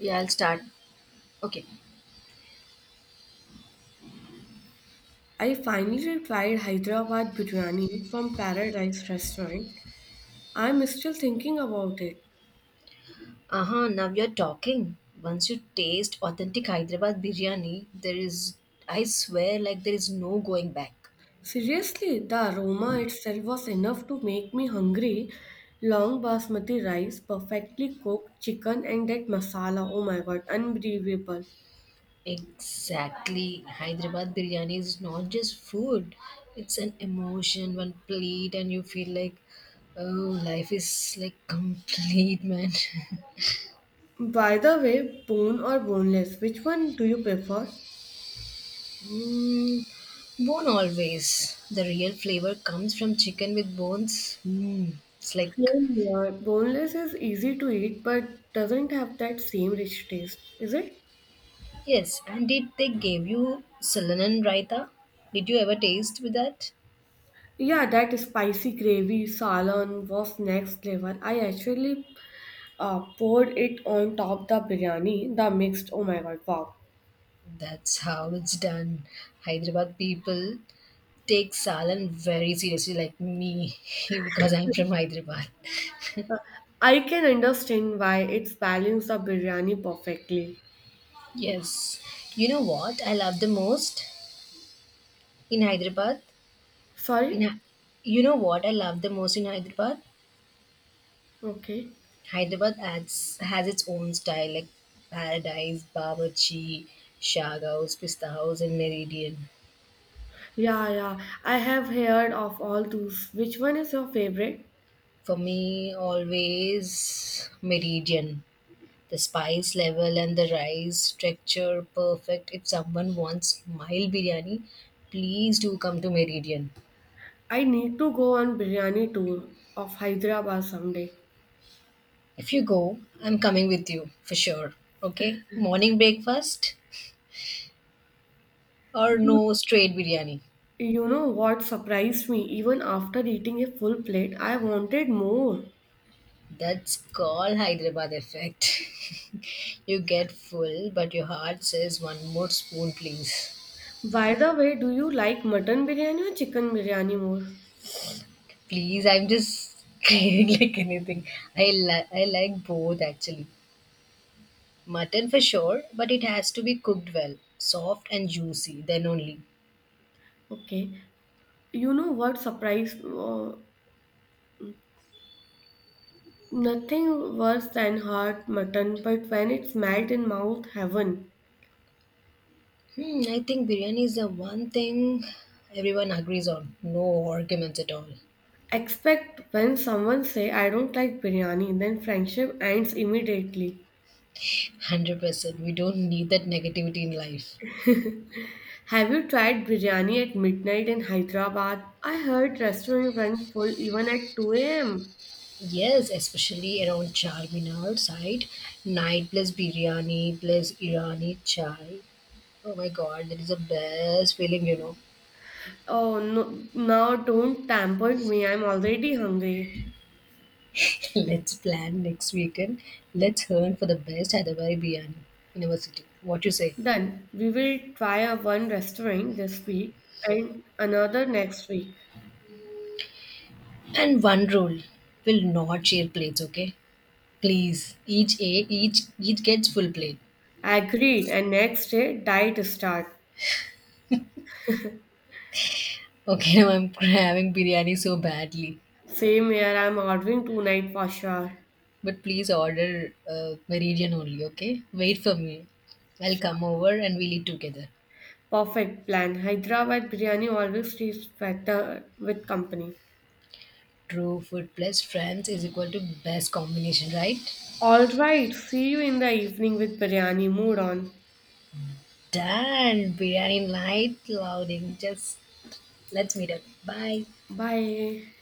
Yeah, I'll start. Okay. I finally tried Hyderabad biryani from Paradise Restaurant. I'm still thinking about it. Uh huh. Now you're talking. Once you taste authentic Hyderabad biryani, there is, I swear, there is no going back. Seriously, the aroma itself was enough to make me hungry. Long basmati rice, perfectly cooked chicken, and that masala oh my god, unbelievable. Exactly. Hyderabad biryani is not just food, it's an emotion, one plate, and you feel like, oh, life is complete, man. By the way, bone or boneless, which one do you prefer? Mm, bone always. The real flavor comes from chicken with bones. Mm, it's like Same here. Boneless is easy to eat but doesn't have that same rich taste, is it? yes, and did they give you Sulanan Raita? Did you ever taste with that? Yeah, that spicy gravy salon was next level. I actually poured it on top the biryani, the mixed. Oh my god, wow. That's how it's done. Hyderabad people take Salan very seriously, like me, because I'm from Hyderabad. I can understand why it's balanced the biryani perfectly. Yes. What I love the most in Hyderabad? In Sorry? Hy- what I love the most in Hyderabad? Okay. Hyderabad adds, has its own style like Paradise, Babarchi, Shag House, Pista House, and Meridian. Yeah, yeah. I have heard of all those. Which one is your favorite? For me, always Meridian. The spice level and the rice texture perfect. If someone wants mild biryani, please do come to Meridian. I need to go on biryani tour of Hyderabad someday. If you go, I'm coming with you for sure. Okay? Morning breakfast or You, no, straight biryani. you know what surprised me? Even after eating a full plate, I wanted more. That's called Hyderabad effect. You get full, but your heart says one more spoon, please. By the way, do you like mutton biryani or chicken biryani more? Please, I'm just craving like anything. I like both actually. Mutton for sure, but it has to be cooked well, soft and juicy, then only. Okay, you know what surprised nothing worse than hot mutton, but when it's melt in mouth, heaven. Hmm, I think biryani is the one thing everyone agrees on. No arguments at all. Expect when someone say I don't like biryani, then friendship ends immediately. 100%. We don't need that negativity in life. Have you tried biryani at midnight in Hyderabad? I heard restaurant run full even at 2 a.m. Yes, especially around Charminar side. Night plus biryani plus Irani chai. Oh my god, that is the best feeling, you know. Oh no, now don't tempt me. I'm already hungry. Let's plan next weekend. Let's learn for the best Hyderabad Biryani University. What you say? Done. We will try a one restaurant this week and another next week. And one rule: will not share plates. Okay, please. Each gets full plate. Agreed. And next day, diet start. Okay, now I'm having biryani so badly, Same here, I'm ordering tonight for sure. but please order Meridian only. Okay, wait for me. I'll come over and we'll eat together. Perfect plan. Hyderabad biryani always tastes better with company. True, food plus friends is equal to best combination, right? All right. See you in the evening with biryani. Mood on. Done. Biryani night loading. Just let's meet up. Bye. Bye.